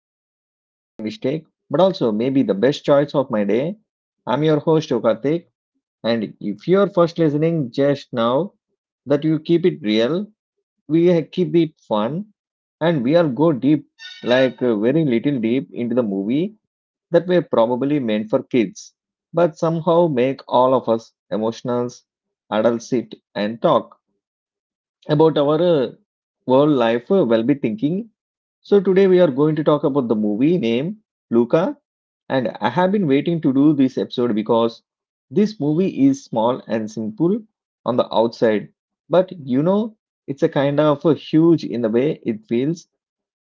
was probably a mistake, but also maybe the best choice of my day. I'm your host Yokatik, and if you're first listening just now, that you keep it real, we keep it fun, and we'll go deep, like very little deep into the movie that were probably meant for kids, but somehow make all of us emotional adults sit and talk about our world life well be thinking. So today we are going to talk about the movie name Luca, and I have been waiting to do this episode because this movie is small and simple on the outside, but you know it's a kind of a huge in the way it feels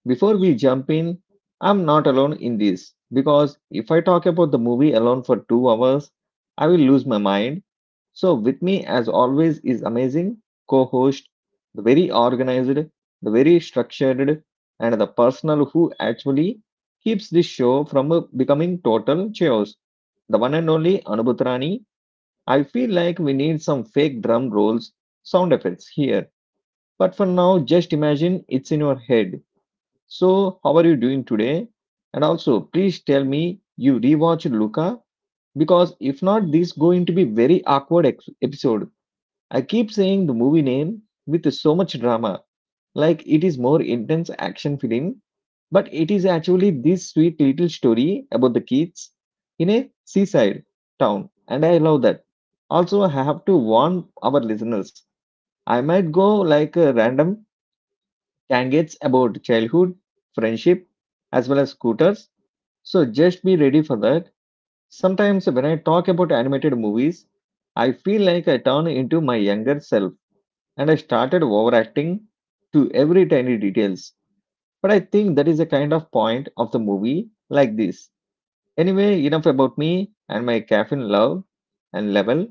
before we jump in, I'm not alone in this because if I talk about the movie alone for 2 hours, I will lose my mind. So, with me, as always, is amazing co host, the very organized, the very structured, and the person who actually keeps this show from becoming total chaos. The one and only Anubhutrani. I feel like we need some fake drum rolls, sound effects here. But for now, just imagine it's in your head. So, how are you doing today? And also, please tell me you rewatched Luca because if not, this going to be very awkward episode. I keep saying the movie name with so much drama, like it is more intense action film, but it is actually this sweet little story about the kids in a seaside town, and I love that. Also, I have to warn our listeners. I might go like a random Candidates about childhood, friendship, as well as scooters. So just be ready for that. Sometimes when I talk about animated movies, I feel like I turn into my younger self and I started overacting to every tiny details. But I think that is a kind of point of the movie like this. Anyway, enough about me and my caffeine love and level.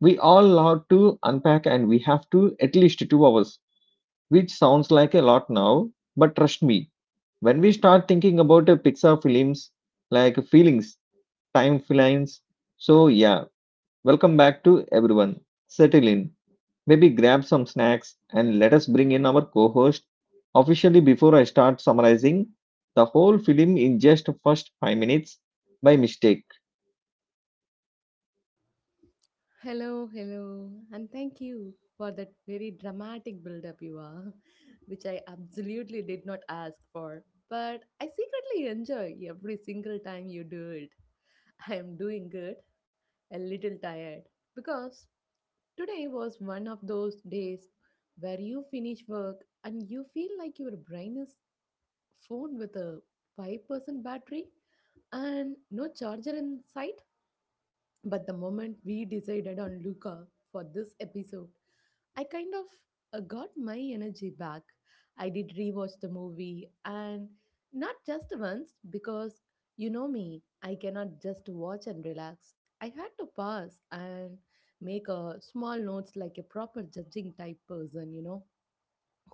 We all have to unpack and we have to at least 2 hours, which sounds like a lot now, but trust me, when we start thinking about Pixar films like feelings, time films. So, yeah, welcome back to everyone. Settle in, maybe grab some snacks, and let us bring in our co host officially before I start summarizing the whole film in just first 5 minutes by mistake. Hello, hello, and thank you for that very dramatic build up you are, which I absolutely did not ask for. But I secretly enjoy every single time you do it. I am doing good, a little tired, because today was one of those days where you finish work and you feel like your brain is phone with a 5% battery and no charger in sight. But the moment we decided on Luca for this episode, I kind of got my energy back. I did rewatch the movie and not just once because you know me, I cannot just watch and relax. I had to pause and make a small notes like a proper judging type person, you know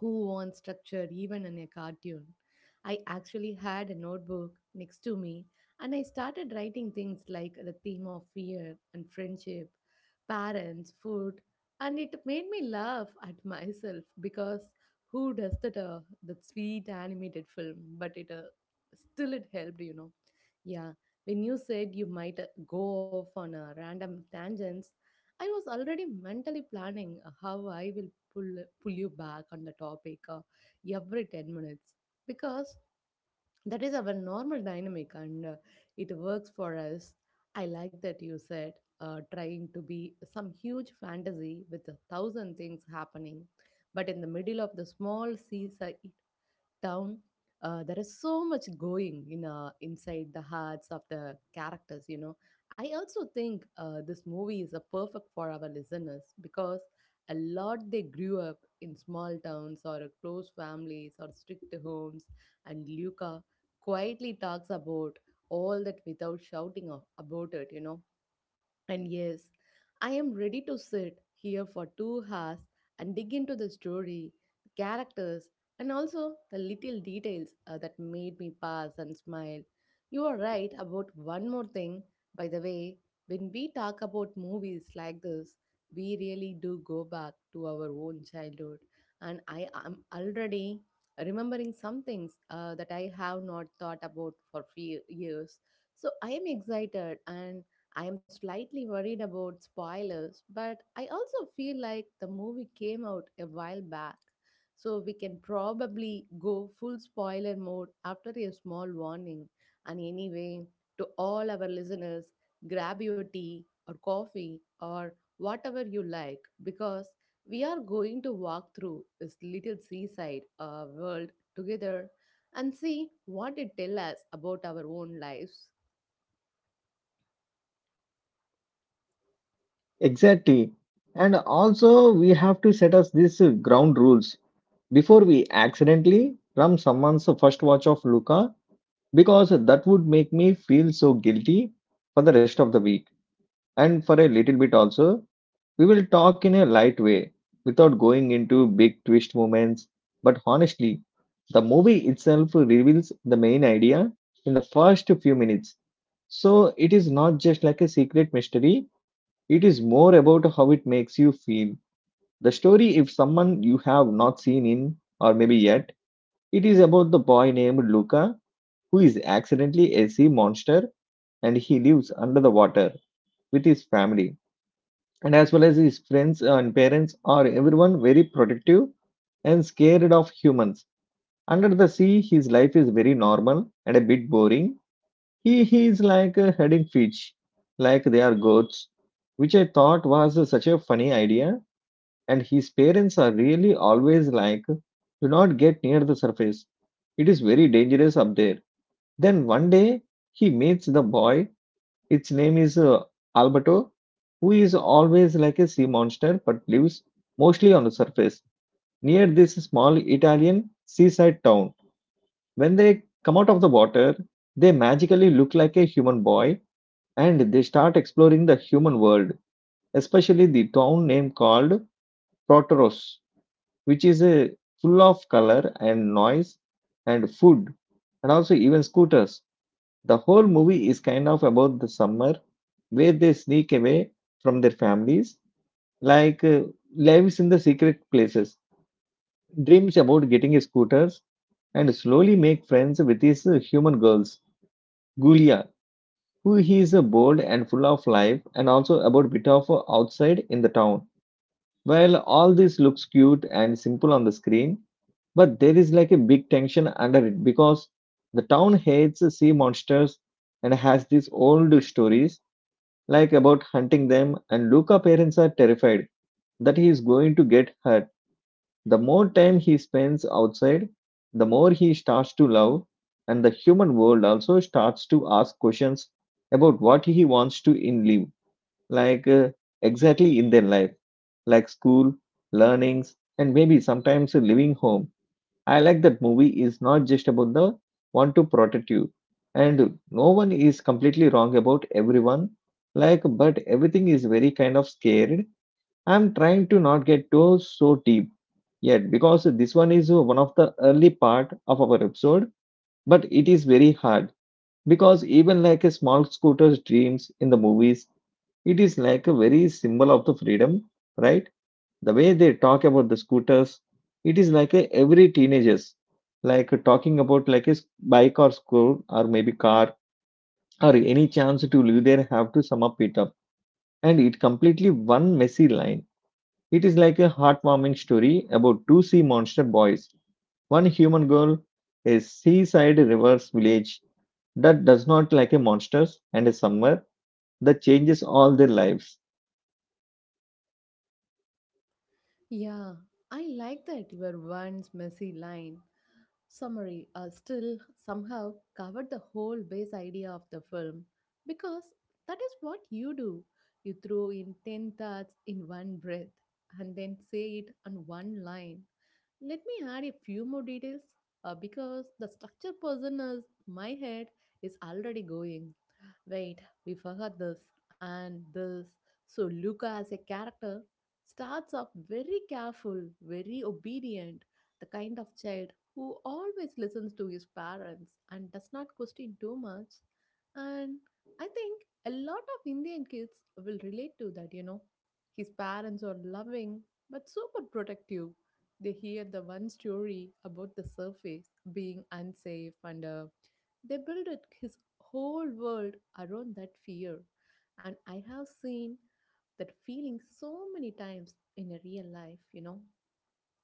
who wants structure even in a cartoon. I actually had a notebook next to me and I started writing things like the theme of fear and friendship, parents, food, and it made me laugh at myself because who does that that sweet animated film but it still it helped yeah when you said you might go off on random tangents. I was already mentally planning how I will pull you back on the topic every 10 minutes because that is our normal dynamic, and it works for us. I like that you said trying to be some huge fantasy with a thousand things happening but in the middle of the small sea town, there is so much going in inside the hearts of the characters. You know, I also think this movie is a perfect for our listeners because a lot they grew up in small towns or a close families or strict homes, and Luca quietly talks about all that without shouting about it. You know. And yes, I am ready to sit here for 2 hours and dig into the story, the characters, and also the little details that made me pass and smile. You are right about one more thing, by the way. When we talk about movies like this, we really do go back to our own childhood. And I am already remembering some things that I have not thought about for few years. So I am excited, and I am slightly worried about spoilers, but I also feel like the movie came out a while back, so we can probably go full spoiler mode after a small warning. And anyway, to all our listeners, grab your tea or coffee or whatever you like because we are going to walk through this little seaside world together and see what it tells us about our own lives. Exactly. And also, we have to set us these ground rules before we accidentally ram someone's first watch of Luca because that would make me feel so guilty for the rest of the week and for a little bit also. We will talk in a light way without going into big twist moments, but honestly the movie itself reveals the main idea in the first few minutes, so it is not just like a secret mystery. It is more about how it makes you feel the story if someone you have not seen in or maybe yet. It is about the boy named Luca, who is accidentally a sea monster, and he lives under the water with his family, and as well as his friends and parents are everyone very protective and scared of humans. Under the sea his life is very normal and a bit boring. He is like a heading fish, like they are goats, which I thought was such a funny idea. And his parents are really always like, do not get near the surface, it is very dangerous up there. Then one day he meets the boy. Its name is Albato, who is always like a sea monster but lives mostly on the surface near this small Italian seaside town. When they come out of the water, they magically look like a human boy and they start exploring the human world, especially the town name called Protoros, which is a full of color and noise and food and also even scooters. The whole movie is kind of about the summer where they sneak away from their families, like lives in the secret places, dreams about getting scooters, and slowly make friends with his human girls. Gulia, who he is bold and full of life, and also about bit of outside in the town. While all this looks cute and simple on the screen, but there is like a big tension under it because the town hates sea monsters and has these old stories like about hunting them, and Luca parents are terrified that he is going to get hurt. The more time he spends outside, the more he starts to love, and the human world also starts to ask questions about what he wants to in live, like exactly in their life, like school, learnings, and maybe sometimes a living home. I like that movie is not just about the want to protect you. And no one is completely wrong about everyone. Like, but everything is very kind of scared. I'm trying to not get too so deep yet because this one is one of the early part of our episode. But it is very hard because even like a small scooter's dreams in the movies, it is like a very symbol of the freedom, right? The way they talk about the scooters, it is like a every teenagers like talking about like a bike or scooter or maybe car or any chance to live there have to sum up it up and it completely one messy line. It is like a heartwarming story about two sea monster boys, one human girl, a seaside reverse village that does not like a monsters, and a summer that changes all their lives. Yeah, I like that your once messy line. Summary still somehow covered the whole base idea of the film because that is what you do. You throw in 10 thoughts in one breath and then say it on one line. Let me add a few more details because the structure person is my head is already going. Wait, we forgot this and this. So Luca as a character starts off very careful, very obedient, the kind of child who always listens to his parents and does not question too much. And I think a lot of Indian kids will relate to that, you know. His parents are loving but super protective. They hear the one story about the surface being unsafe, and they build it, his whole world around that fear. And I have seen that feeling so many times in a real life, you know.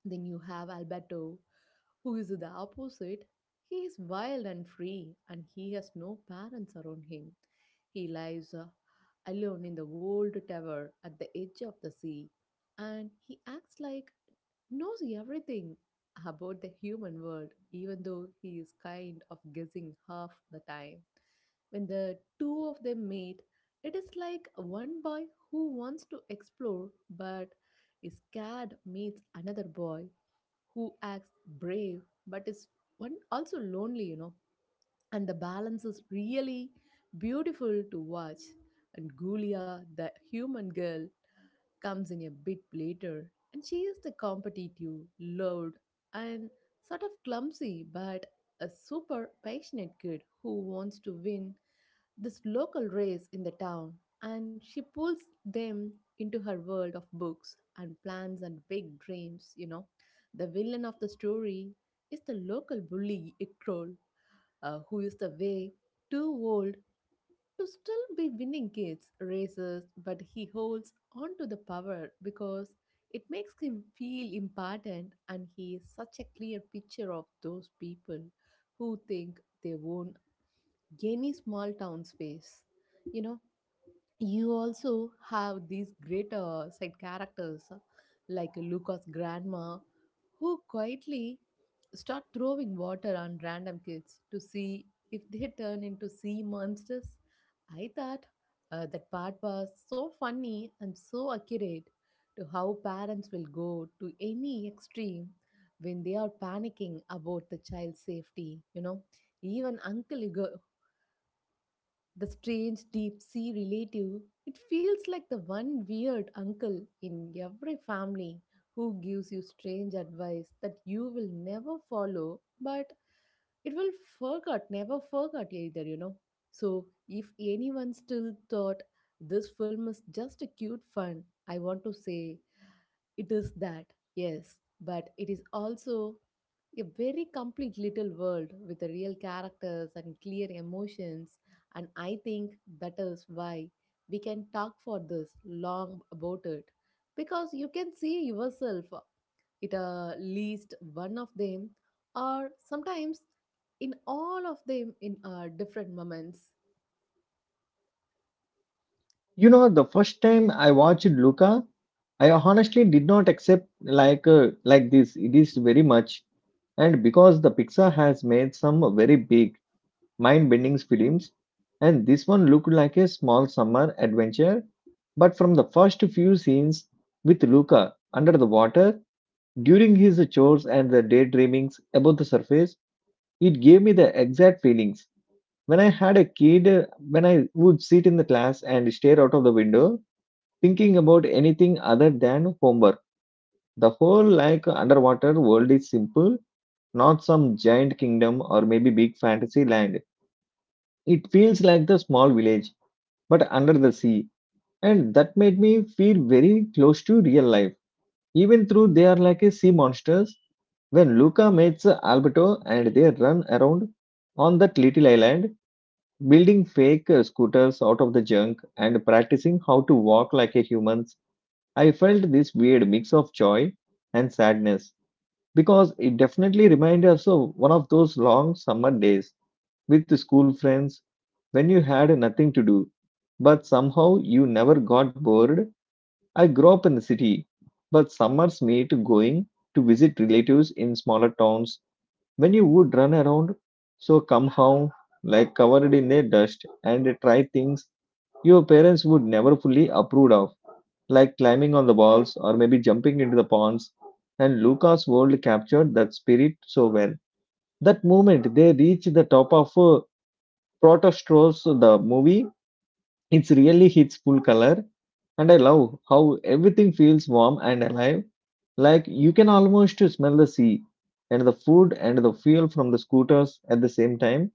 Then you have Alberto, who is the opposite. He is wild and free, and he has no parents around him. He lives alone in the old tower at the edge of the sea, and he acts like knows everything about the human world, even though he is kind of guessing half the time. When the two of them meet, it is like one boy who wants to explore but is scared meets another boy who acts brave but is one also lonely, you know, and the balance is really beautiful to watch. And Gulia, the human girl, comes in a bit later, and she is the competitive, loud, and sort of clumsy, but a super passionate kid who wants to win this local race in the town. And she pulls them into her world of books and plans and big dreams, you know. The villain of the story is the local bully, Ikkrol, who is the way too old to still be winning kids races, but he holds on to the power because it makes him feel important, and he is such a clear picture of those people who think they own any small town space. You know, you also have these great side characters like Luca's grandma, who quietly start throwing water on random kids to see if they turn into sea monsters. I thought that part was so funny and so accurate to how parents will go to any extreme when they are panicking about the child's safety. You know, even Uncle Hugo, the strange deep sea relative, it feels like the one weird uncle in every family who gives you strange advice that you will never follow, but it will forget, never forget either, you know. So if anyone still thought this film is just a cute fun, I want to say it is that, yes, but it is also a very complete little world with the real characters and clear emotions, and I think that is why we can talk for this long about it, because you can see yourself at least one of them, or sometimes in all of them in different moments. You know, the first time I watched Luca, I honestly did not accept like this. It is very much, and because the Pixar has made some very big mind-bending films, and this one looked like a small summer adventure. But from the first few scenes with Luca under the water during his chores and the daydreamings above the surface, it gave me the exact feelings. When I had a kid, when I would sit in the class and stare out of the window, thinking about anything other than homework. The whole like underwater world is simple, not some giant kingdom or maybe big fantasy land. It feels like the small village, but under the sea. And that made me feel very close to real life. Even though they are like a sea monsters, when Luca meets Alberto and they run around on that little island, building fake scooters out of the junk and practicing how to walk like a human, I felt this weird mix of joy and sadness because it definitely reminded us of one of those long summer days with school friends when you had nothing to do, but somehow you never got bored. I grew up in the city, but summers made going to visit relatives in smaller towns when you would run around so somehow like covered in their dust and try things your parents would never fully approve of, like climbing on the walls or maybe jumping into the ponds. And Lucas World captured that spirit so well. That moment they reach the top of Protostros, the movie, it's really hits full color. And I love how everything feels warm and alive. Like you can almost smell the sea and the food and the fuel from the scooters at the same time.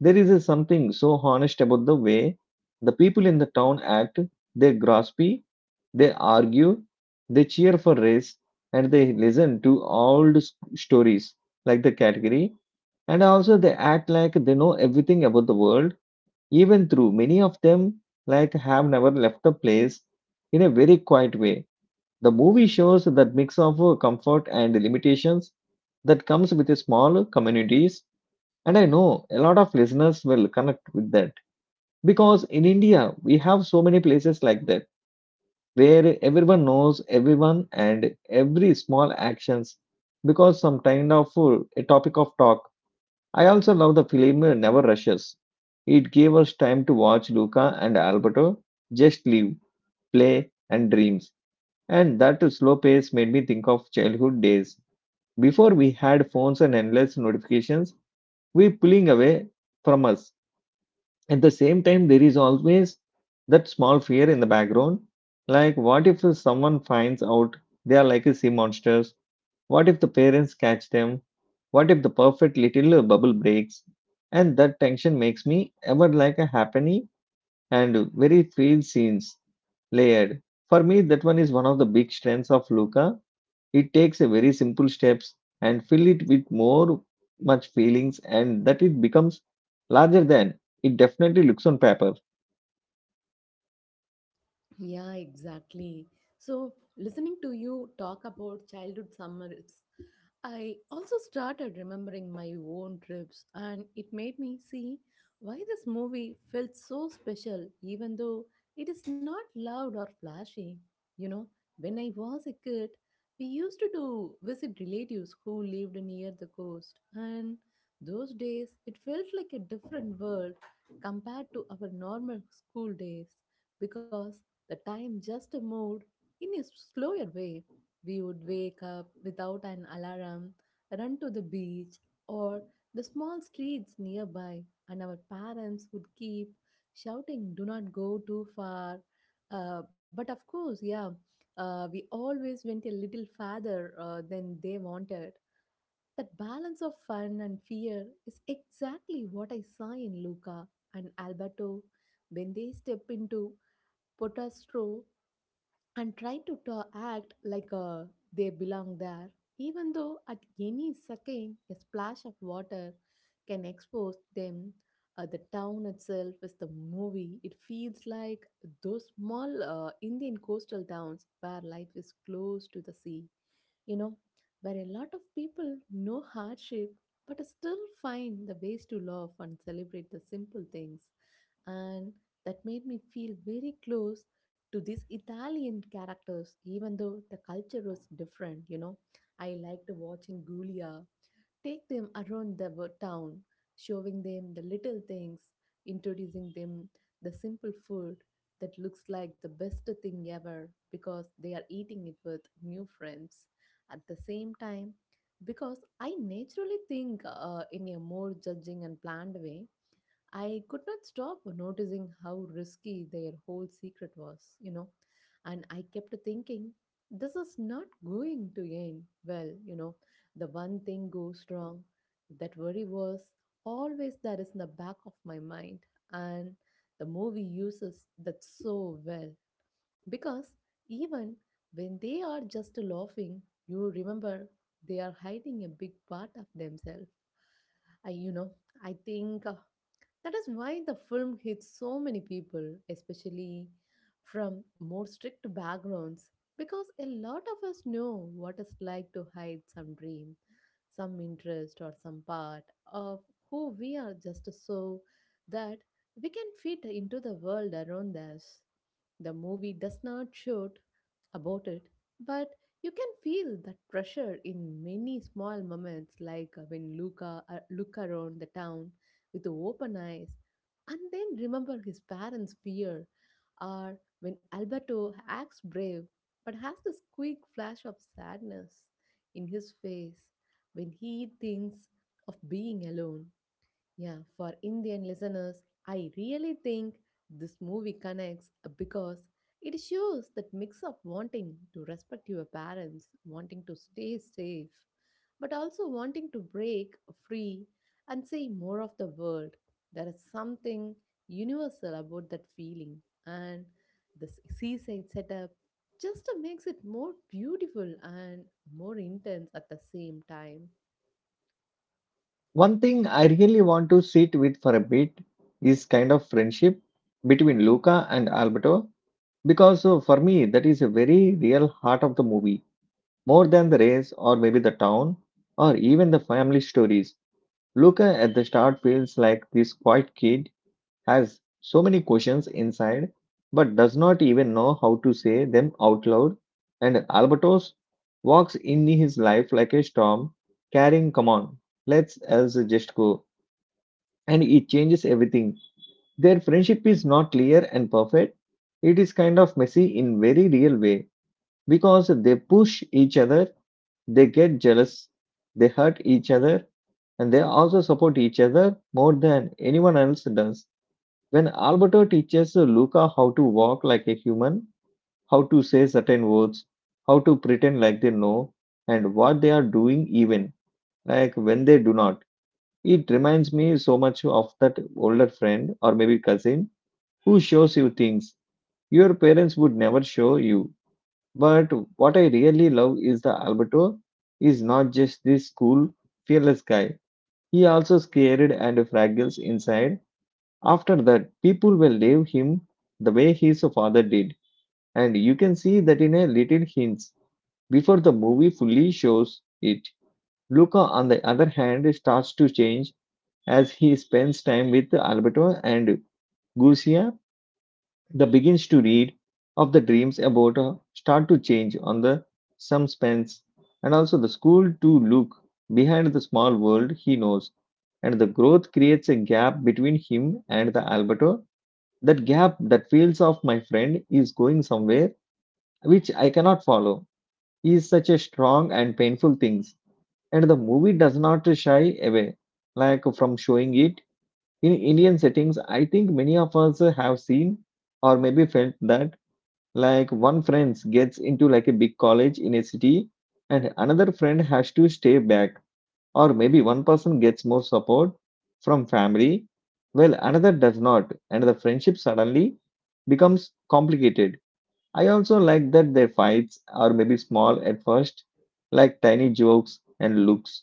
There is a something so honest about the way the people in the town act. They graspy, they argue, they cheer for race, and they listen to old stories like the category. And also, they act like they know everything about the world, even through many of them like have never left the place in a very quiet way. The movie shows that mix of comfort and limitations that comes with a small communities, and I know a lot of listeners will connect with that because in India, we have so many places like that where everyone knows everyone and every small actions because some kind of a topic of talk. I also love the film Never Rushes. It gave us time to watch Luca and Alberto just live, play, and dreams. And that slow pace made me think of childhood days. Before we had phones and endless notifications, we pulling away from us. At the same time, there is always that small fear in the background. Like, what if someone finds out they are like a sea monsters? What if the parents catch them? What if the perfect little bubble breaks? And that tension makes me ever like a happy and very feel scenes layered. For me, that one is one of the big strengths of Luca. It takes a very simple steps and fill it with more much feelings, and that it becomes larger than it definitely looks on paper. Yeah, exactly. So, listening to you talk about childhood summers, I also started remembering my own trips, and it made me see why this movie felt so special, even though it is not loud or flashy. You know, when I was a kid, we used to do visit relatives who lived near the coast, and those days it felt like a different world compared to our normal school days because the time just moved in a slower way. We would wake up without an alarm, run to the beach or the small streets nearby, and our parents would keep shouting, "Do not go too far." But of course, yeah, we always went a little farther than they wanted. That balance of fun and fear is exactly what I saw in Luca and Alberto when they step into Potastro and try to act like they belong there, even though at any second a splash of water can expose them. The town itself is the movie. It feels like those small Indian coastal towns where life is close to the sea, you know, where a lot of people know hardship but still find the ways to love and celebrate the simple things. And that made me feel very close to these Italian characters, even though the culture was different, you know. I liked watching Giulia take them around the town, showing them the little things, introducing them the simple food that looks like the best thing ever because they are eating it with new friends. At the same time, because I naturally think in a more judging and planned way, I could not stop noticing how risky their whole secret was, you know, and I kept thinking, this is not going to end well, you know. The one thing goes wrong, that worry was always there is in the back of my mind, and the movie uses that so well because even when they are just laughing, you remember they are hiding a big part of themselves. I, you know, I think that is why the film hits so many people, especially from more strict backgrounds, because a lot of us know what it's like to hide some dream, some interest, or some part of who we are just so that we can fit into the world around us. The movie does not show about it, but you can feel that pressure in many small moments, like when Luca look around the town with open eyes, and then remember his parents' fear, or when Alberto acts brave but has this quick flash of sadness in his face when he thinks of being alone. Yeah, for Indian listeners, I really think this movie connects because it shows that mix of wanting to respect your parents, wanting to stay safe, but also wanting to break free and see more of the world. There is something universal about that feeling, and the seaside setup just makes it more beautiful and more intense at the same time. One thing I really want to sit with for a bit is kind of friendship between Luca and Alberto because for me that is a very real heart of the movie, more than the race or maybe the town or even the family stories. Luca at the start feels like this quiet kid, has so many questions inside but does not even know how to say them out loud, and Alberto's walks in his life like a storm, carrying come on, let's us just go, and it changes everything. Their friendship is not clear and perfect. It is kind of messy in very real way because they push each other, they get jealous, they hurt each other, and they also support each other more than anyone else does. When Alberto teaches Luca how to walk like a human, how to say certain words, how to pretend like they know, and what they are doing even like when they do not, it reminds me so much of that older friend or maybe cousin who shows you things your parents would never show you. But what I really love is the Alberto is not just this cool, fearless guy. He also scared and fragile inside. After that, people will leave him the way his father did, and you can see that in a little hints before the movie fully shows it. Luca, on the other hand, starts to change as he spends time with Alberto and Gusia. The begins to read of the dreams about start to change on the some spends and also the school to look behind the small world he knows, and the growth creates a gap between him and the Alberto. That gap that feels of my friend is going somewhere which I cannot follow is such a strong and painful things. And the movie does not shy away like from showing it. In Indian settings, I think many of us have seen or maybe felt that, like one friend gets into like a big college in a city and another friend has to stay back, or maybe one person gets more support from family while another does not, and the friendship suddenly becomes complicated. I also like that their fights are maybe small at first, like tiny jokes and looks,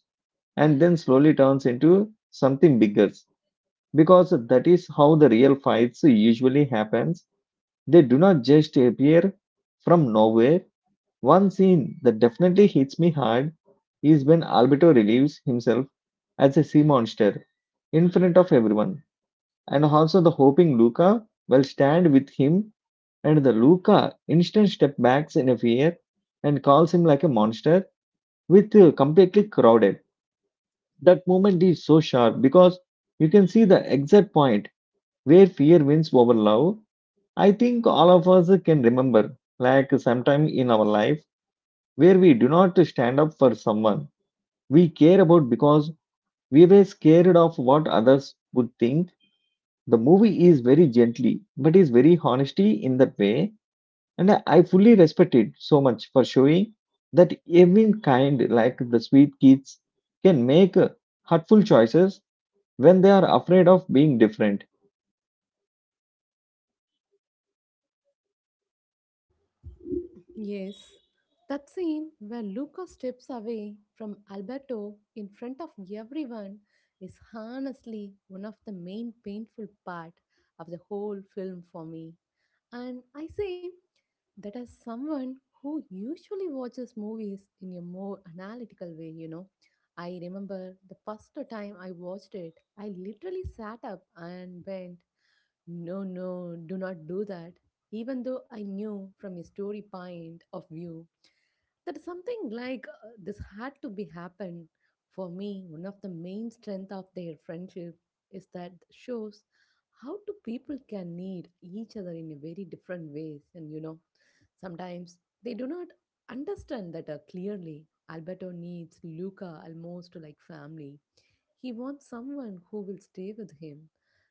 and then slowly turns into something bigger. Because that is how the real fights usually happens. They do not just appear from nowhere. One scene that definitely hits me hard is when Alberto relieves himself as a sea monster in front of everyone, and also the hoping Luca will stand with him, and the Luca instant step backs in a fear and calls him like a monster with completely crowded. That moment is so sharp because you can see the exact point where fear wins over love. I think all of us can remember, like sometime in our life where we do not stand up for someone we care about because we were scared of what others would think. The movie is very gently, but is very honesty in that way, and I fully respect it so much for showing that even kind like the sweet kids can make hurtful choices when they are afraid of being different. Yes, that scene where Luca steps away from Alberto in front of everyone is honestly one of the main painful part of the whole film for me. And I say that as someone who usually watches movies in a more analytical way. I remember the first time I watched it, I literally sat up and went no, no, do not do that. Even though I knew from a story point of view that something like this had to be happen. For me, one of the main strength of their friendship is that shows how two people can need each other in a very different ways. And you know Sometimes they do not understand that clearly. Alberto needs Luca almost like family. He wants someone who will stay with him,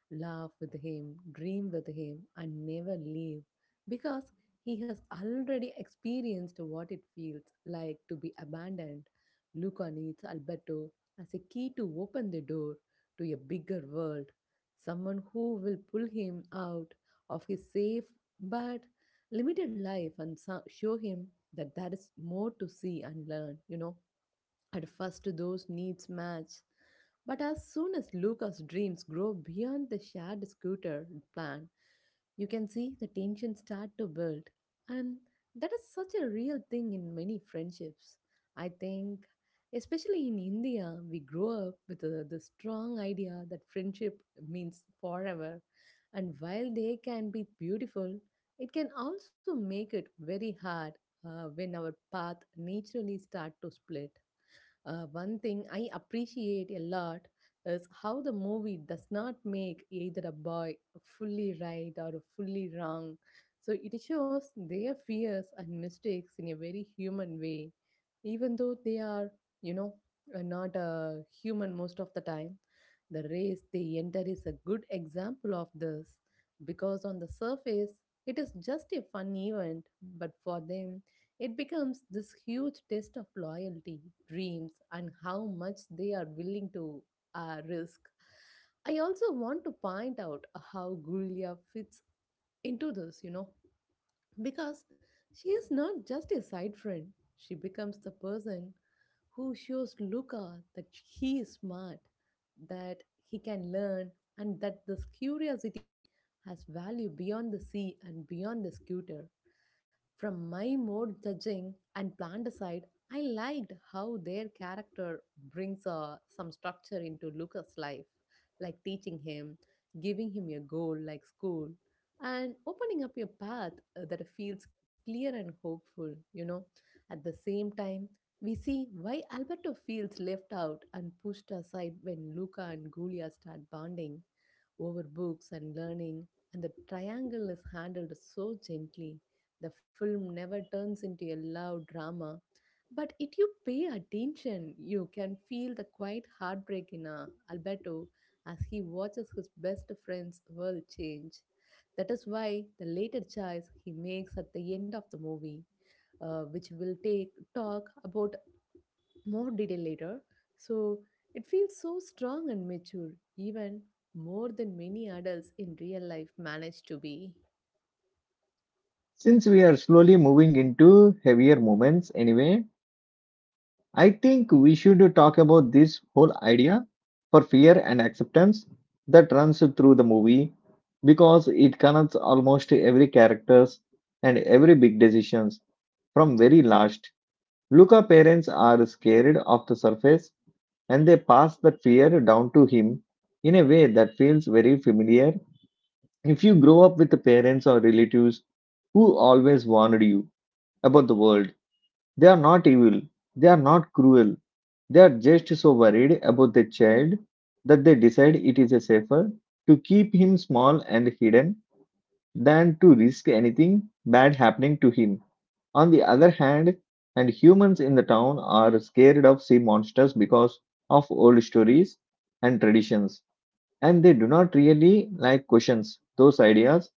laugh with him, dream with him, and never leave because he has already experienced what it feels like to be abandoned. Luca needs Alberto as a key to open the door to a bigger world, someone who will pull him out of his safe but limited life and show him that there is more to see and learn. At first, those needs match. But as soon as Luca's dreams grow beyond the shared scooter plan, you can see the tension start to build. And that is such a real thing in many friendships. I think, especially in India, we grow up with the strong idea that friendship means forever. And while they can be beautiful, it can also make it very hard when our path naturally start to split. One thing I appreciate a lot is how the movie does not make either a boy fully right or fully wrong. So it shows their fears and mistakes in a very human way, even though they are, you know, not human most of the time. The race they enter is a good example of this because on the surface it is just a fun event, but for them it becomes this huge test of loyalty, dreams, and how much they are willing to risk. I also want to point out how Gulia fits into this, because she is not just a side friend, she becomes the person who shows Luca that he is smart, that he can learn, and that this curiosity has value beyond the sea and beyond the scooter. From my mode judging and planned aside, I liked how their character brings some structure into Lucas' life, like teaching him, giving him a goal like school, and opening up a path that feels clear and hopeful. At the same time, we see why Alberto feels left out and pushed aside when Luca and Julia start bonding over books and learning, and the triangle is handled so gently. The film never turns into a loud drama, but if you pay attention, you can feel the quiet heartbreak in Alberto as he watches his best friend's world change. That is why the later choice he makes at the end of the movie, which will take talk about more detail later. So it feels so strong and mature, even more than many adults in real life manage to be. Since we are slowly moving into heavier moments anyway, I think we should talk about this whole idea for fear and acceptance that runs through the movie because it connects almost every characters and every big decisions from very last. Luca parents are scared of the surface and they pass that fear down to him in a way that feels very familiar if you grow up with the parents or relatives who always warned you about the world. They are not evil, they are not cruel, they are just so worried about the child that they decide it is safer to keep him small and hidden than to risk anything bad happening to him. On the other hand, and humans in the town are scared of sea monsters because of old stories and traditions, and they do not really like questions those ideas.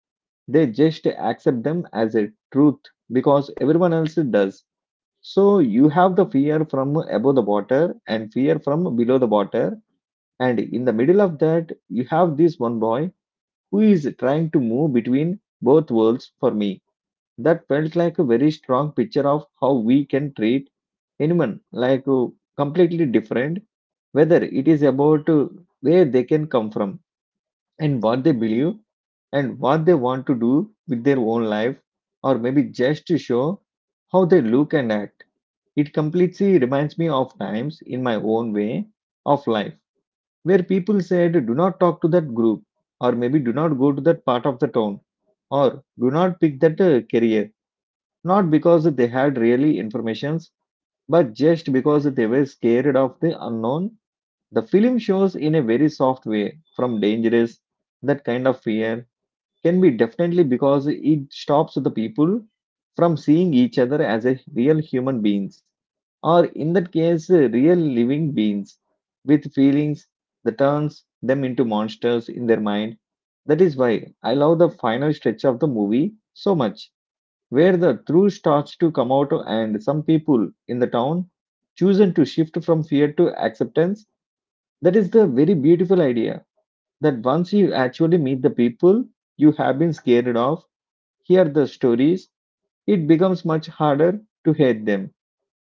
They just accept them as a truth because everyone else does. So you have the fear from above the water and fear from below the water. And in the middle of that, you have this one boy who is trying to move between both worlds for me. That felt like a very strong picture of how we can treat anyone like completely different, whether it is about where they can come from and what they believe and what they want to do with their own life, or maybe just to show how they look and act. It completely reminds me of times in my own way of life where people said, do not talk to that group, or maybe do not go to that part of the town, or do not pick that career, not because they had really informations, but just because they were scared of the unknown. The film shows in a very soft way from dangerous, that kind of fear can be definitely because it stops the people from seeing each other as a real human beings, or in that case real living beings with feelings that turns them into monsters in their mind. That is why I love the final stretch of the movie so much, where the truth starts to come out and some people in the town chosen to shift from fear to acceptance. That is the very beautiful idea that once you actually meet the people you have been scared of, hear the stories, it becomes much harder to hate them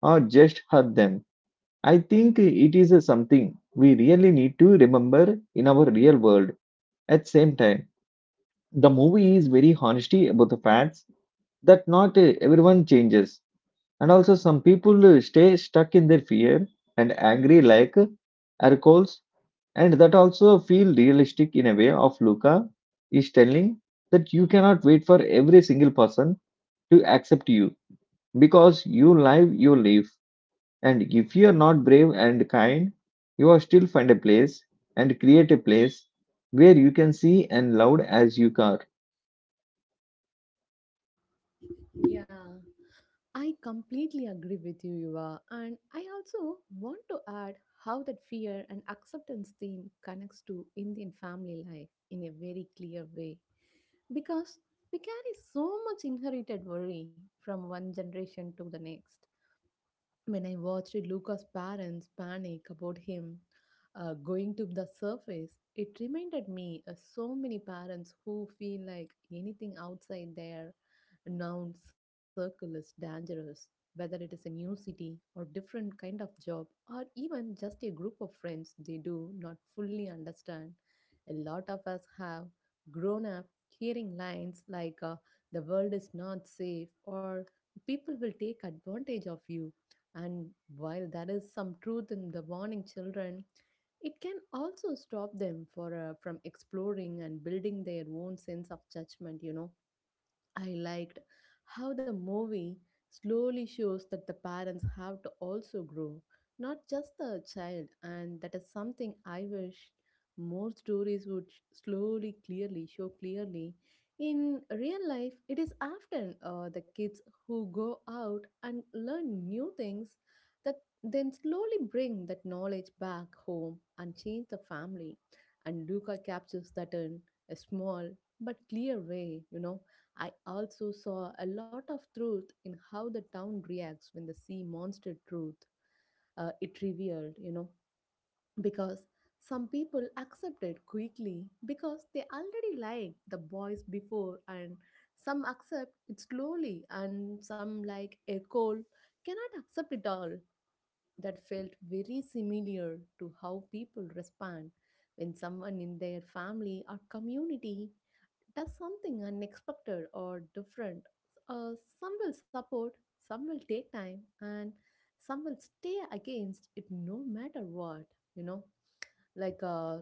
or just hurt them. I think it is something we really need to remember in our real world. At same time, the movie is very honesty about the facts that not everyone changes, and also some people stay stuck in their fear and angry like Ercoles, and that also feel realistic in a way of Luca is telling that you cannot wait for every single person to accept you because you live. And if you are not brave and kind, you will still find a place and create a place where you can see and loud as you are. Yeah, I completely agree with you, Yuva. And I also want to add how that fear and acceptance theme connects to Indian family life in a very clear way. Because we carry so much inherited worry from one generation to the next. When I watched Luca's parents panic about him going to the surface, it reminded me of so many parents who feel like anything outside their known circle is dangerous, whether it is a new city or different kind of job or even just a group of friends they do not fully understand. A lot of us have grown up hearing lines like the world is not safe, or people will take advantage of you, and while there is some truth in the warning children, it can also stop them for from exploring and building their own sense of judgment. I liked how the movie slowly shows that the parents have to also grow, not just the child, and that is something I wish more stories would slowly, clearly show clearly. In real life, it is often the kids who go out and learn new things that then slowly bring that knowledge back home and change the family. And Luca captures that in a small but clear way. I also saw a lot of truth in how the town reacts when the sea monster truth it revealed, because some people accept it quickly because they already liked the boys before, and some accept it slowly, and some like a cold cannot accept it all. That felt very similar to how people respond when someone in their family or community does something unexpected or different. Uh, some will support, some will take time, and some will stay against it no matter what. You know, like uh,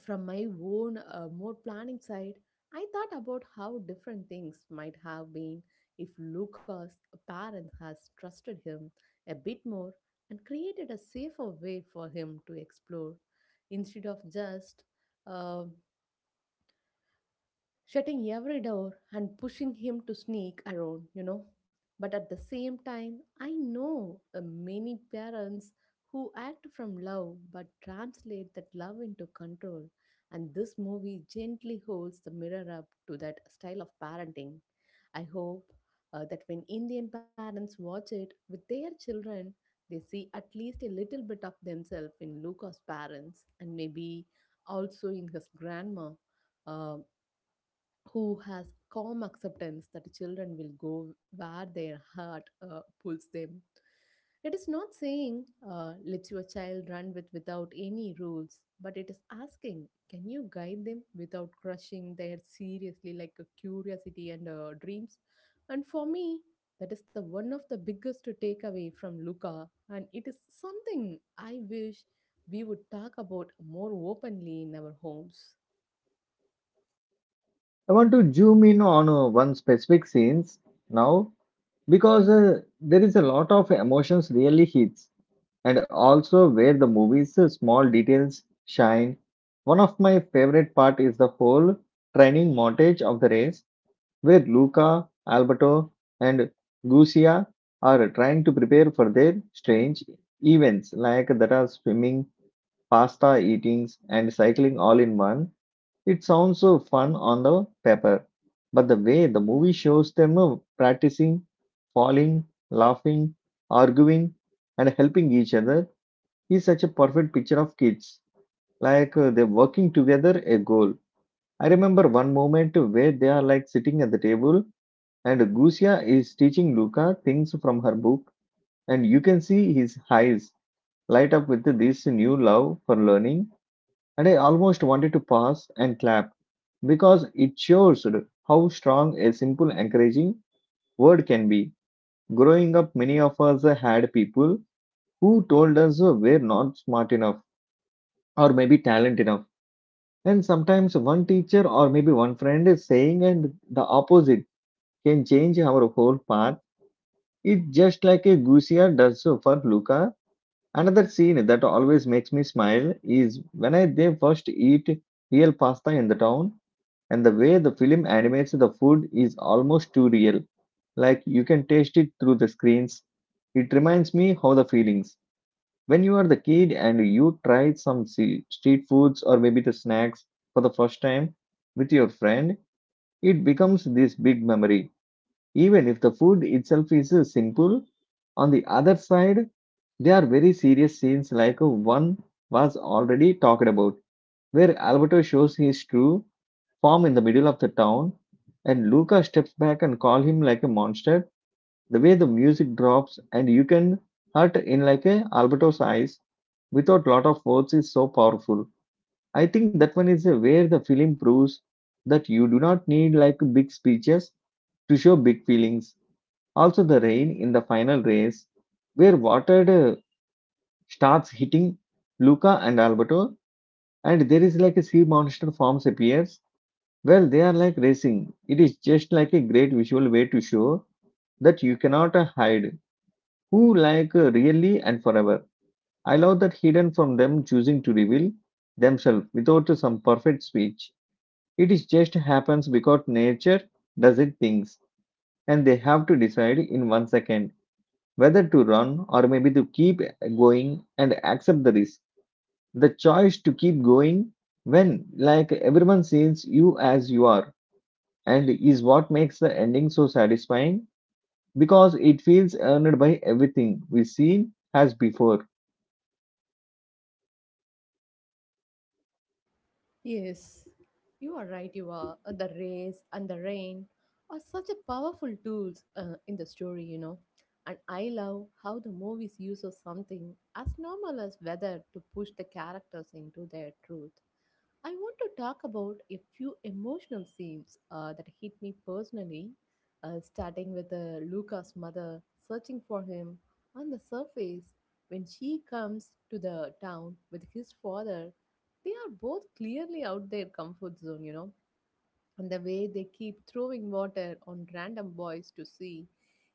from my own more planning side, I thought about how different things might have been if Lucas' parents has trusted him a bit more and created a safer way for him to explore instead of just uh, shutting every door and pushing him to sneak around. But at the same time, I know many parents who act from love but translate that love into control, and this movie gently holds the mirror up to that style of parenting. I hope that when Indian parents watch it with their children, they see at least a little bit of themselves in Luca's parents and maybe also in his grandma uh, who has calm acceptance that children will go where their heart pulls them. It is not saying let your child run with without any rules, but it is asking can you guide them without crushing their seriously like a curiosity and dreams. And for me, that is the one of the biggest takeaway from Luca, and it is something I wish we would talk about more openly in our homes. I want to zoom in on one specific scenes now because there is a lot of emotions really hits and also where the movie's small details shine. One of my favorite part is the whole training montage of the race where Luca, Alberto, and Lucia are trying to prepare for their strange events like that are swimming, pasta eatings, and cycling all in one. It sounds so fun on the paper, but the way the movie shows them practicing, falling, laughing, arguing, and helping each other is such a perfect picture of kids. Like they're working together a goal. I remember one moment where they are like sitting at the table and Gusia is teaching Luca things from her book, and you can see his eyes light up with this new love for learning. And I almost wanted to pause and clap because it shows how strong a simple encouraging word can be. Growing up, many of us had people who told us we're not smart enough or maybe talent enough. And sometimes one teacher or maybe one friend is saying and the opposite can change our whole path. It just like a Gucia does so for Luca. Another scene that always makes me smile is when I they first eat real pasta in the town, and the way the film animates the food is almost too real. Like you can taste it through the screens. It reminds me how the feelings when you are the kid and you try some street foods or maybe the snacks for the first time with your friend. It becomes this big memory, even if the food itself is simple. On the other side, they are very serious scenes, like one was already talked about, where Alberto shows his true form in the middle of the town, and Luca steps back and calls him like a monster. The way the music drops and you can hurt in like a Alberto's eyes without lot of words is so powerful. I think that one is where the film proves that you do not need like big speeches to show big feelings. Also, the rain in the final race, where watered starts hitting Luca and Alberto, and there is like a sea monster forms appears. Well, they are like racing. It is just like a great visual way to show that you cannot hide who like really and forever. I love that hidden from them choosing to reveal themselves without some perfect speech. It is just happens because nature does it things and they have to decide in 1 second whether to run or maybe to keep going and accept the risk, the choice to keep going when like everyone sees you as you are and is what makes the ending so satisfying because it feels earned by everything we see as before. Yes, you are right. You are. The race and the rain are such a powerful tools in the story. And I love how the movies use of something as normal as weather to push the characters into their truth. I want to talk about a few emotional scenes that hit me personally, starting with Luca's mother searching for him on the surface when she comes to the town with his father. They are both clearly out their comfort zone, and the way they keep throwing water on random boys to see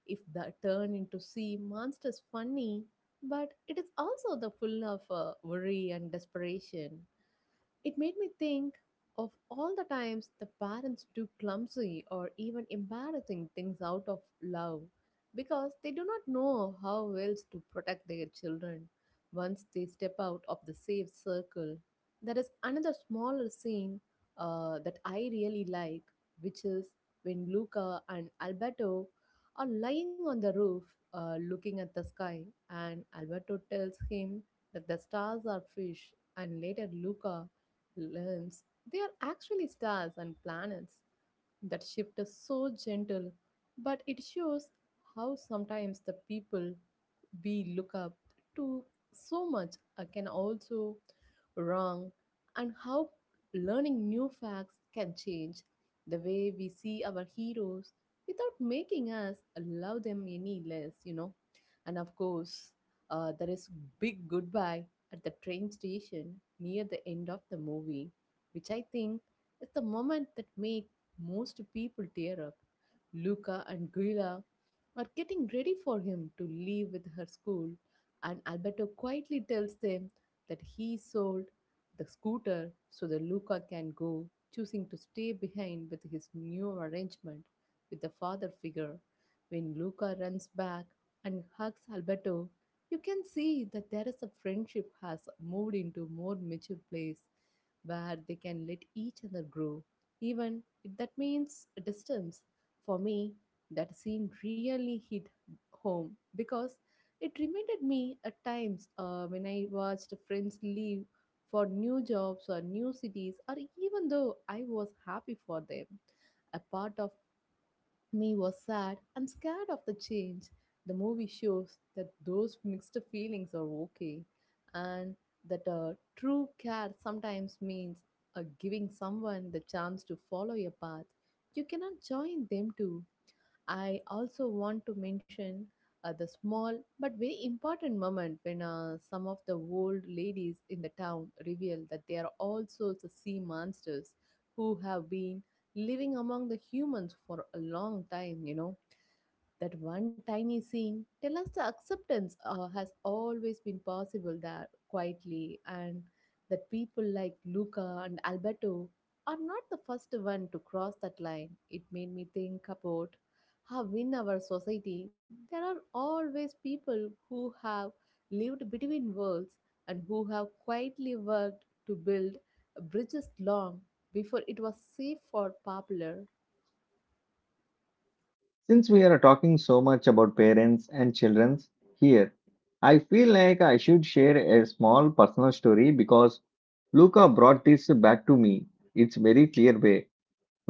if the turn into sea monsters funny, but it is also the full of worry and desperation. It made me think of all the times the parents do clumsy or even embarrassing things out of love because they do not know how else to protect their children once they step out of the safe circle. There is another smaller scene that I really like, which is when Luca and Alberto are lying on the roof looking at the sky, and Alberto tells him that the stars are fish, and later Luca learns they are actually stars and planets. That shift is so gentle, but it shows how sometimes the people we look up to so much can also wrong, and how learning new facts can change the way we see our heroes without making us love them any less. And of course, there is big goodbye at the train station near the end of the movie, which I think is the moment that make most people tear up. Luca and Guilla are getting ready for him to leave with her school, and Alberto quietly tells them that he sold the scooter so that Luca can go, choosing to stay behind with his new arrangement with the father figure. When Luca runs back and hugs Alberto, you can see that there is a friendship has moved into more mature place where they can let each other grow even if that means distance. For me, that scene really hit home because it reminded me at times when I watched friends leave for new jobs or new cities, or even though I was happy for them. A part of me was sad and scared of the change. The movie shows that those mixed feelings are okay and that true care sometimes means giving someone the chance to follow your path. You cannot join them too. I also want to mention the small but very important moment when some of the old ladies in the town reveal that they are also the sea monsters who have been living among the humans for a long time, you know. That one tiny scene tells us the acceptance has always been possible there quietly, and that people like Luca and Alberto are not the first one to cross that line. It made me think about how in our society there are always people who have lived between worlds and who have quietly worked to build bridges long before it was safe or popular. Since we are talking so much about parents and children here, I feel like I should share a small personal story because Luca brought this back to me. It's very clear way.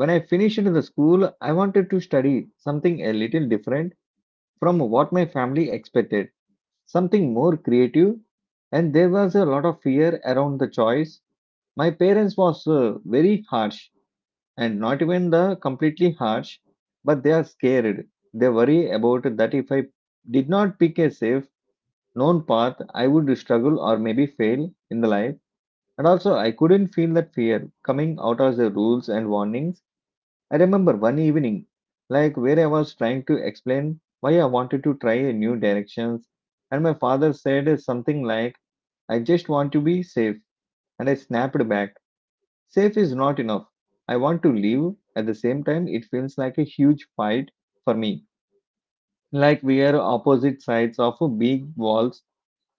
When I finished the school, I wanted to study something a little different from what my family expected, something more creative, and there was a lot of fear around the choice. My parents was very harsh and not even the completely harsh, but they are scared. They worry about that if I did not pick a safe, known path, I would struggle or maybe fail in the life. And also I couldn't feel that fear coming out of the rules and warnings. I remember one evening, like where I was trying to explain why I wanted to try a new directions, and my father said something like, I just want to be safe. And I snapped back. Safe is not enough. I want to live. At the same time, it feels like a huge fight for me. Like we are opposite sides of big walls.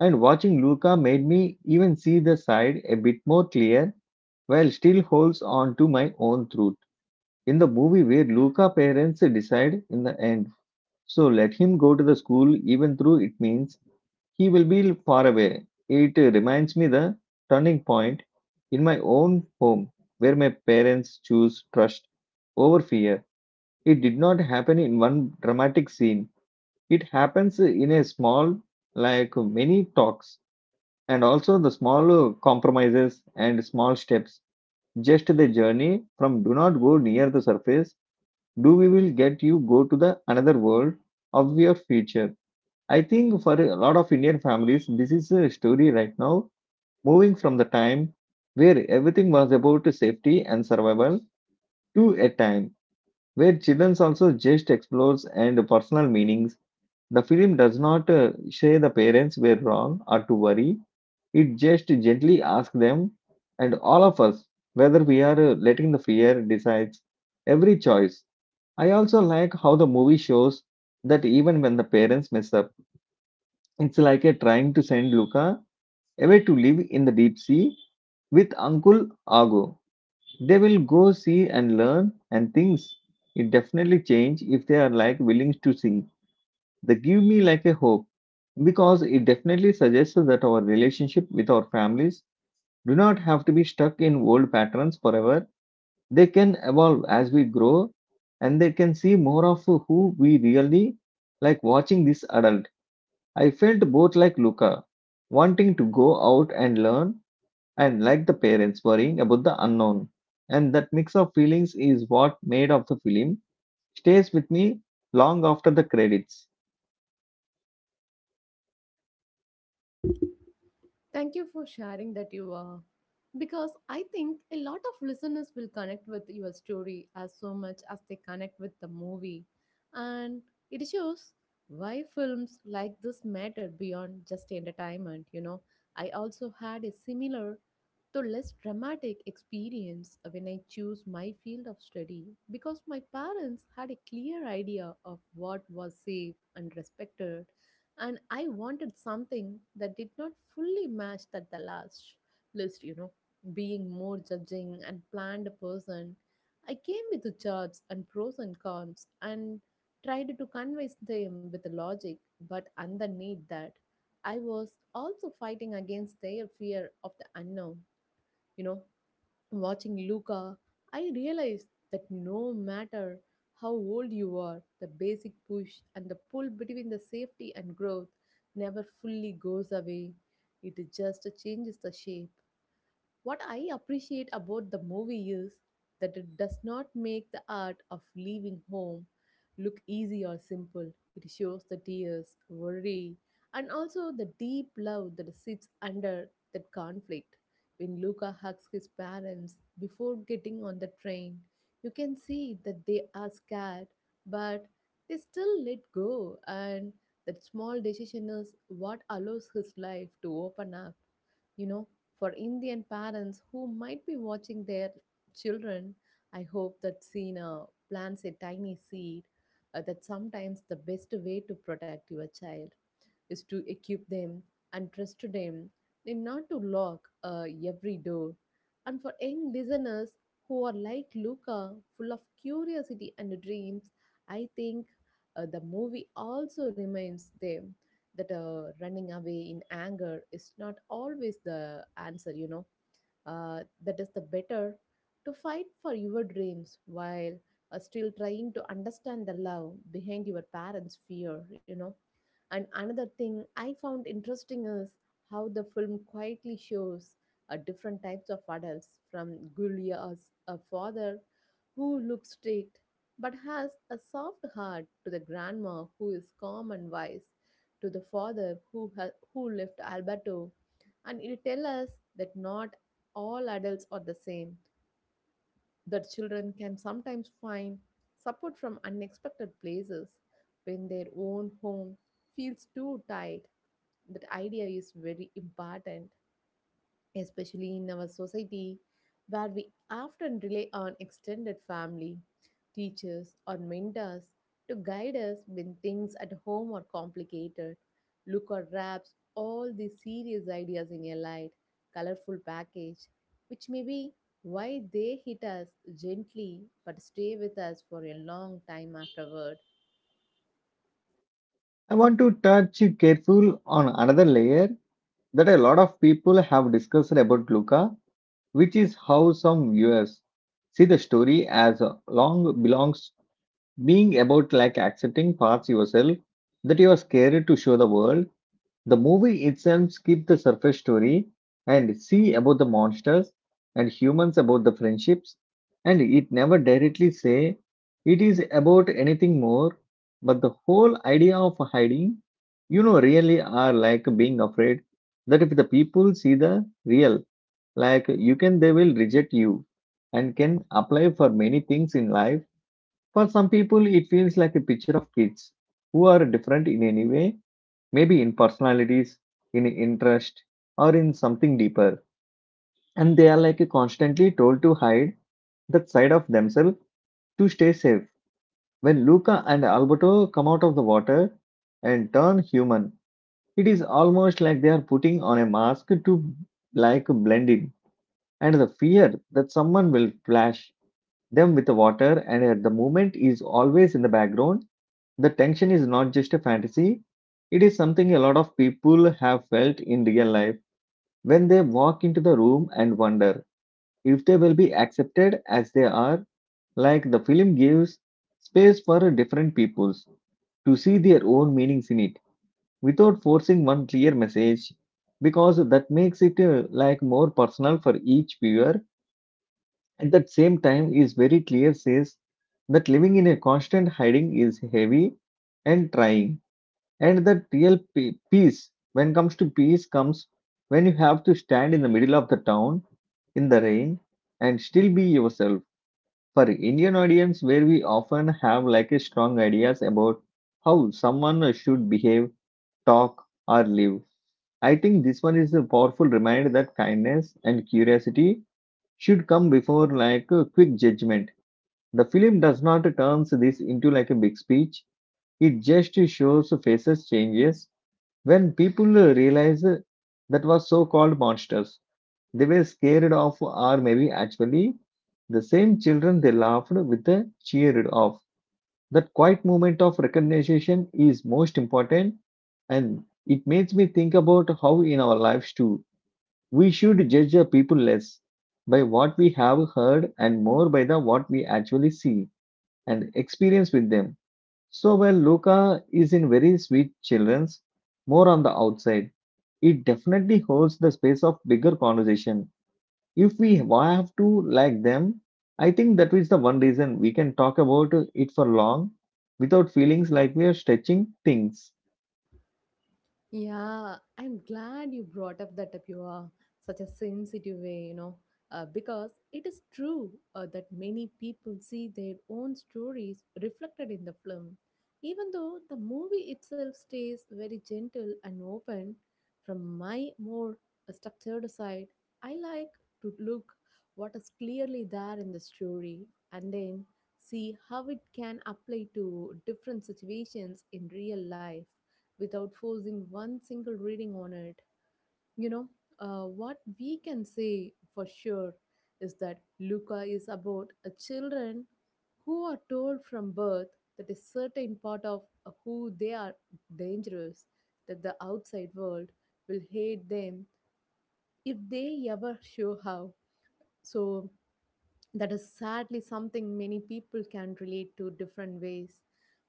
And watching Luca made me even see the side a bit more clear while still holds on to my own truth. In the movie where Luca parents decide in the end. So let him go to the school even though it means he will be far away. It reminds me the turning point in my own home where my parents choose trust over fear. It did not happen in one dramatic scene. It happens in a small, like many talks, and also the small compromises and small steps. Just the journey from do not go near the surface, do we will get you go to the another world of your future. I think for a lot of Indian families, this is a story right now, moving from the time where everything was about safety and survival to a time where children also just explores and personal meanings. The film does not say the parents were wrong or to worry. It just gently asks them and all of us whether we are letting the fear decides every choice. I also like how the movie shows that even when the parents mess up, it's like a trying to send Luca away to live in the deep sea with Uncle Ago. They will go see and learn and things. It definitely change if they are like willing to see. They give me like a hope because it definitely suggests that our relationship with our families do not have to be stuck in old patterns forever. They can evolve as we grow and they can see more of who we really like watching this adult. I felt both like Luca, wanting to go out and learn, and like the parents worrying about the unknown. And that mix of feelings is what made of the film stays with me long after the credits. Thank you for sharing that you are. Because I think a lot of listeners will connect with your story as so much as they connect with the movie. And it shows why films like this matter beyond just entertainment. You know, I also had a similar, though less dramatic, experience when I chose my field of study because my parents had a clear idea of what was safe and respected, and I wanted something that did not fully match that the last list, you know. Being more judging and planned person, I came with the charts and pros and cons and tried to convince them with logic, but underneath that, I was also fighting against their fear of the unknown, you know. Watching Luca, I realized that no matter how old you are, the basic push and the pull between the safety and growth never fully goes away. It just changes the shape. What I appreciate about the movie is that it does not make the art of leaving home look easy or simple. It shows the tears, worry, and also the deep love that sits under that conflict. When Luca hugs his parents before getting on the train, you can see that they are scared, but they still let go, and that small decision is what allows his life to open up, you know. For Indian parents who might be watching their children, I hope that scene plants a tiny seed that sometimes the best way to protect your child is to equip them and trust them and not to lock every door. And for young listeners who are like Luca, full of curiosity and dreams, I think the movie also reminds them that running away in anger is not always the answer, you know. That is the better to fight for your dreams while still trying to understand the love behind your parents' fear, you know. And another thing I found interesting is how the film quietly shows different types of adults, from Gulia's a father who looks strict but has a soft heart, to the grandma who is calm and wise, to the father who who left Alberto. And it tells us that not all adults are the same, that children can sometimes find support from unexpected places when their own home feels too tight. That idea is very important, especially in our society where we often rely on extended family, teachers, or mentors to guide us when things at home are complicated. Look or wraps all these serious ideas in a light, colorful package, which may be why they hit us gently but stay with us for a long time afterward. I want to touch careful on another layer that a lot of people have discussed about Luca, which is how some viewers see the story as a long belongs being about like accepting parts yourself that you are scared to show the world. The movie itself skipped the surface story and see about the monsters and humans about the friendships, and it never directly say it is about anything more, but the whole idea of hiding, you know, really are like being afraid that if the people see the real like you can, they will reject you and can apply for many things in life. For some people it feels like a picture of kids who are different in any way, maybe in personalities, in interest, or in something deeper. And they are like constantly told to hide that side of themselves to stay safe. When Luca and Alberto come out of the water and turn human, it is almost like they are putting on a mask to like blend in. And the fear that someone will flash them with the water and at the moment is always in the background. The tension is not just a fantasy, it is something a lot of people have felt in real life when they walk into the room and wonder if they will be accepted as they are. Like the film gives space for different peoples to see their own meanings in it without forcing one clear message because that makes it like more personal for each viewer. At that same time, is very clear says that living in a constant hiding is heavy and trying, and that real peace, when comes to peace, comes when you have to stand in the middle of the town in the rain and still be yourself. For Indian audience, where we often have like a strong ideas about how someone should behave, talk, or live. I think this one is a powerful reminder that kindness and curiosity should come before like a quick judgment. The film does not turns this into like a big speech. It just shows faces changes when people realize that was so-called monsters. They were scared of, or maybe actually the same children they laughed with, cheered of. That quiet moment of recognition is most important, and it makes me think about how in our lives too we should judge the people less by what we have heard and more by the what we actually see and experience with them. So while Luca is in very sweet children's, more on the outside, it definitely holds the space of bigger conversation. If we have to like them, I think that is the one reason we can talk about it for long without feelings like we are stretching things. Yeah, I'm glad you brought up that Tapua, such a sensitive way, you know. Because it is true that many people see their own stories reflected in the film. Even though the movie itself stays very gentle and open, from my more structured side, I like to look what is clearly there in the story and then see how it can apply to different situations in real life without forcing one single reading on it. You know, what we can say for sure is that Luca is about a children who are told from birth that a certain part of who they are dangerous, that the outside world will hate them if they ever show how. So that is sadly something many people can relate to different ways,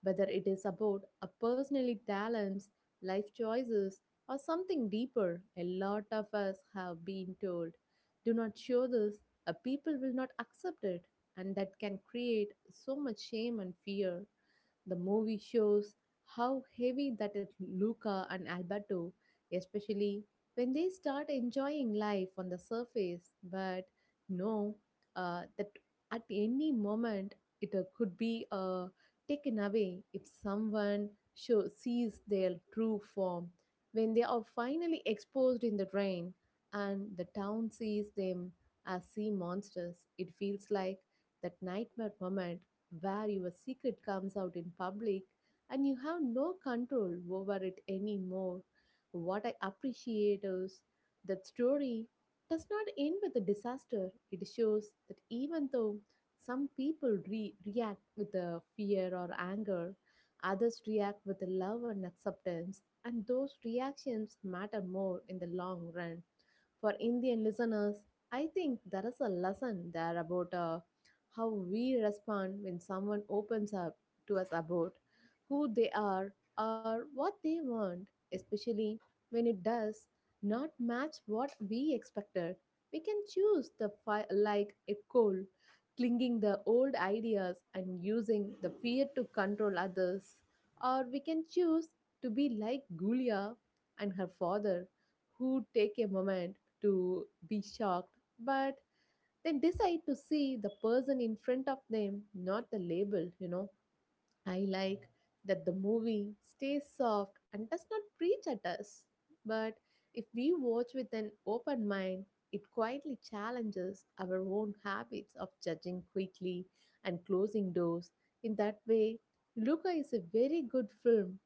whether it is about a personally talents, life choices, or something deeper. A lot of us have been told, "Do not show this; a people will not accept it," and that can create so much shame and fear. The movie shows how heavy that is Luca and Alberto, especially when they start enjoying life on the surface, but know that at any moment it could be taken away if someone sees their true form. When they are finally exposed in the rain and the town sees them as sea monsters, it feels like that nightmare moment where your secret comes out in public and you have no control over it anymore. What I appreciate is that story does not end with a disaster. It shows that even though some people react with a fear or anger, others react with love and acceptance, and those reactions matter more in the long run. For Indian listeners, I think there is a lesson there about how we respond when someone opens up to us about who they are or what they want, especially when it does not match what we expected. We can choose the like a cold, clinging the old ideas and using the fear to control others, or we can choose to be like Gulia and her father, who take a moment to be shocked, but they decide to see the person in front of them, not the label, you know. I like that the movie stays soft and does not preach at us. But if we watch with an open mind, it quietly challenges our own habits of judging quickly and closing doors. In that way, Luca is a very good film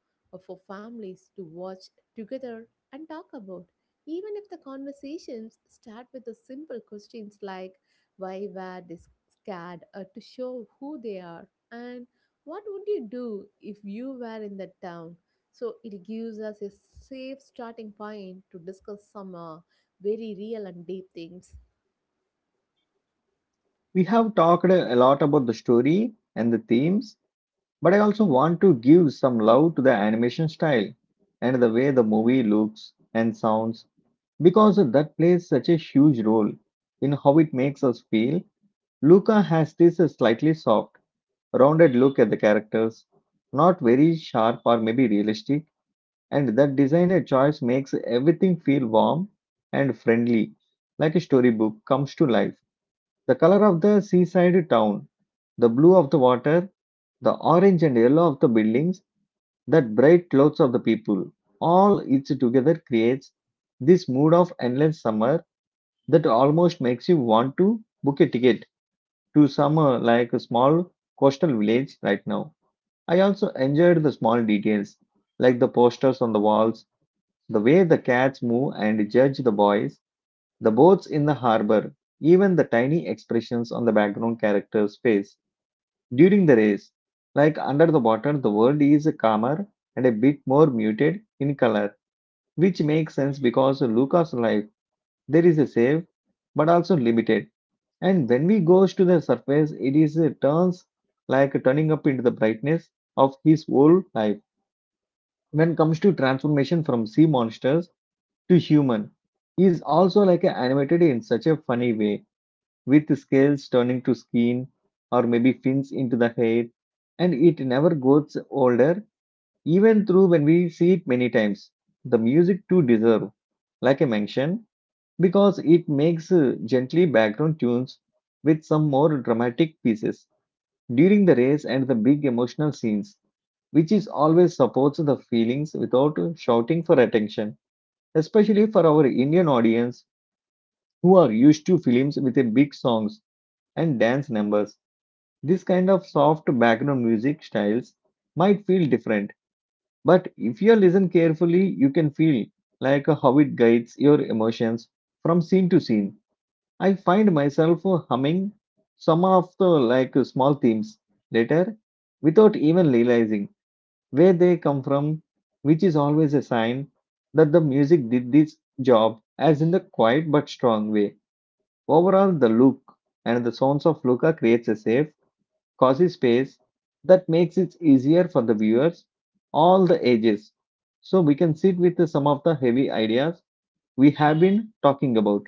for families to watch together and talk about, even if the conversations start with the simple questions like, why were they scared or to show who they are, and what would you do if you were in that town? So it gives us a safe starting point to discuss some very real and deep things. We have talked a lot about the story and the themes, but I also want to give some love to the animation style and the way the movie looks and sounds because that plays such a huge role in how it makes us feel. Luca has this slightly soft, rounded look at the characters, not very sharp or maybe realistic, and that designer choice makes everything feel warm and friendly, like a storybook comes to life. The color of the seaside town, the blue of the water, the orange and yellow of the buildings, that bright clothes of the people, all it together creates this mood of endless summer that almost makes you want to book a ticket to somewhere like a small coastal village right now. I also enjoyed the small details, like the posters on the walls, the way the cats move and judge the boys, the boats in the harbor, even the tiny expressions on the background character's face during the race. Like under the water, the world is calmer and a bit more muted in color, which makes sense because Luca's life there is a safe but also limited. And when we goes to the surface, it is a turns like turning up into the brightness of his whole life. When comes to transformation from sea monsters to human, he is also like a animated in such a funny way, with scales turning to skin or maybe fins into the hair, and it never gets older, even through when we see it many times. The music too deserve, like I mentioned, because it makes gently background tunes with some more dramatic pieces during the race and the big emotional scenes, which is always supports the feelings without shouting for attention, especially for our Indian audience who are used to films with a big songs and dance numbers. This kind of soft background music styles might feel different, but if you listen carefully, you can feel like how it guides your emotions from scene to scene. I find myself humming some of the like small themes later without even realizing where they come from, which is always a sign that the music did this job as in the quiet but strong way. Overall, the look and the sounds of Luca creates a safe, cozy space that makes it easier for the viewers, all the ages. So we can sit with some of the heavy ideas we have been talking about.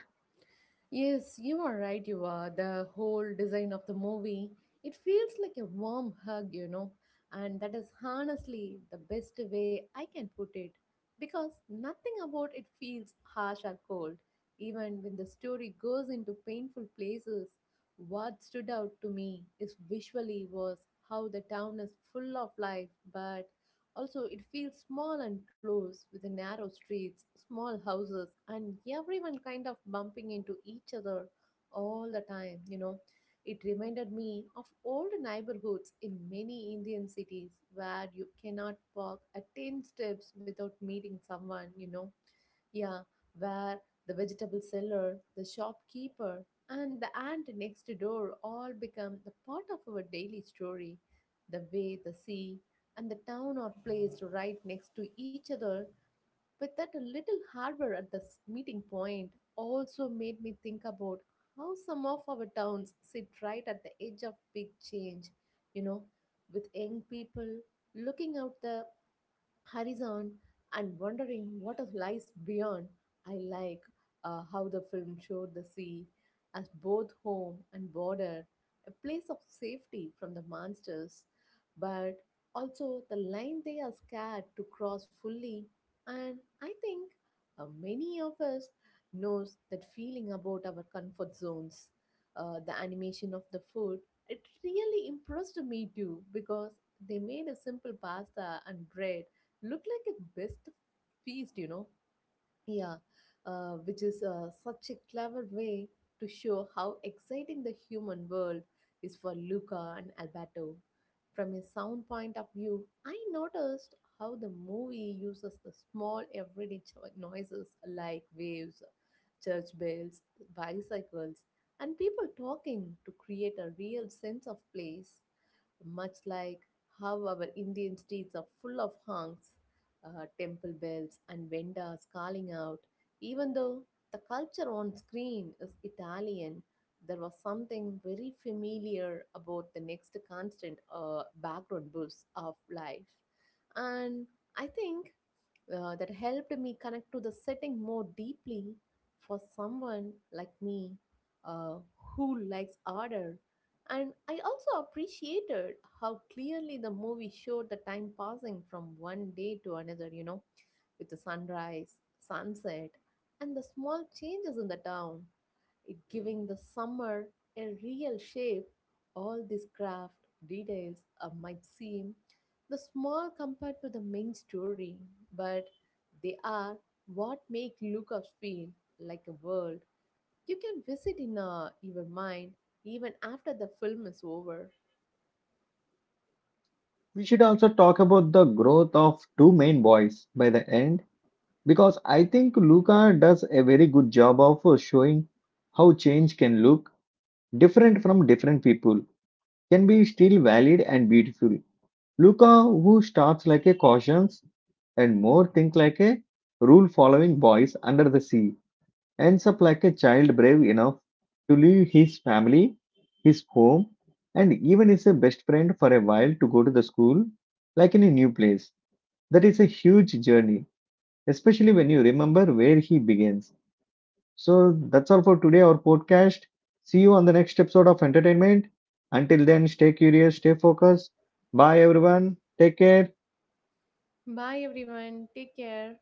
Yes, you are right, you are. The whole design of the movie, it feels like a warm hug, you know. And that is honestly the best way I can put it. Because nothing about it feels harsh or cold. Even when the story goes into painful places, what stood out to me is visually was how the town is full of life, but also, it feels small and close with the narrow streets, small houses, and everyone kind of bumping into each other all the time, you know. It reminded me of old neighborhoods in many Indian cities where you cannot walk a 10 steps without meeting someone, you know. Yeah, where the vegetable seller, the shopkeeper, and the aunt next door all become the part of our daily story. The way the sea and the town are placed right next to each other with that little harbor at the meeting point also made me think about how some of our towns sit right at the edge of big change, you know, with young people looking out the horizon and wondering what lies beyond. I like how the film showed the sea as both home and border, a place of safety from the monsters, but also the line they are scared to cross fully. And I think many of us knows that feeling about our comfort zones. The animation of the food, it really impressed me too, because they made a simple pasta and bread looked like a best feast, you know. Yeah, which is such a clever way to show how exciting the human world is for Luca and Alberto. From a sound point of view, I noticed how the movie uses the small everyday noises like waves, church bells, bicycles, and people talking to create a real sense of place, much like how our Indian streets are full of honks, temple bells, and vendors calling out. Even though the culture on screen is Italian, there was something very familiar about the next constant background buzz of life. And I think that helped me connect to the setting more deeply, for someone like me uh, who likes order. And I also appreciated how clearly the movie showed the time passing from one day to another, you know, with the sunrise, sunset, and the small changes in the town, it giving the summer a real shape. All these craft details might seem the small compared to the main story, but they are what make lookups feel like a world you can visit in your mind even after the film is over. We should also talk about the growth of two main boys by the end because I think Luca does a very good job of showing how change can look different from different people, can be still valid and beautiful. Luca, who starts like a cautious and more think like a rule following boys under the sea, ends up like a child brave enough to leave his family, his home, and even his best friend for a while to go to the school like in a new place. That is a huge journey, especially when you remember where he begins. So that's all for today, our podcast. See you on the next episode of Entertainment. Until then, stay curious, stay focused. Bye, everyone. Take care. Bye, everyone. Take care.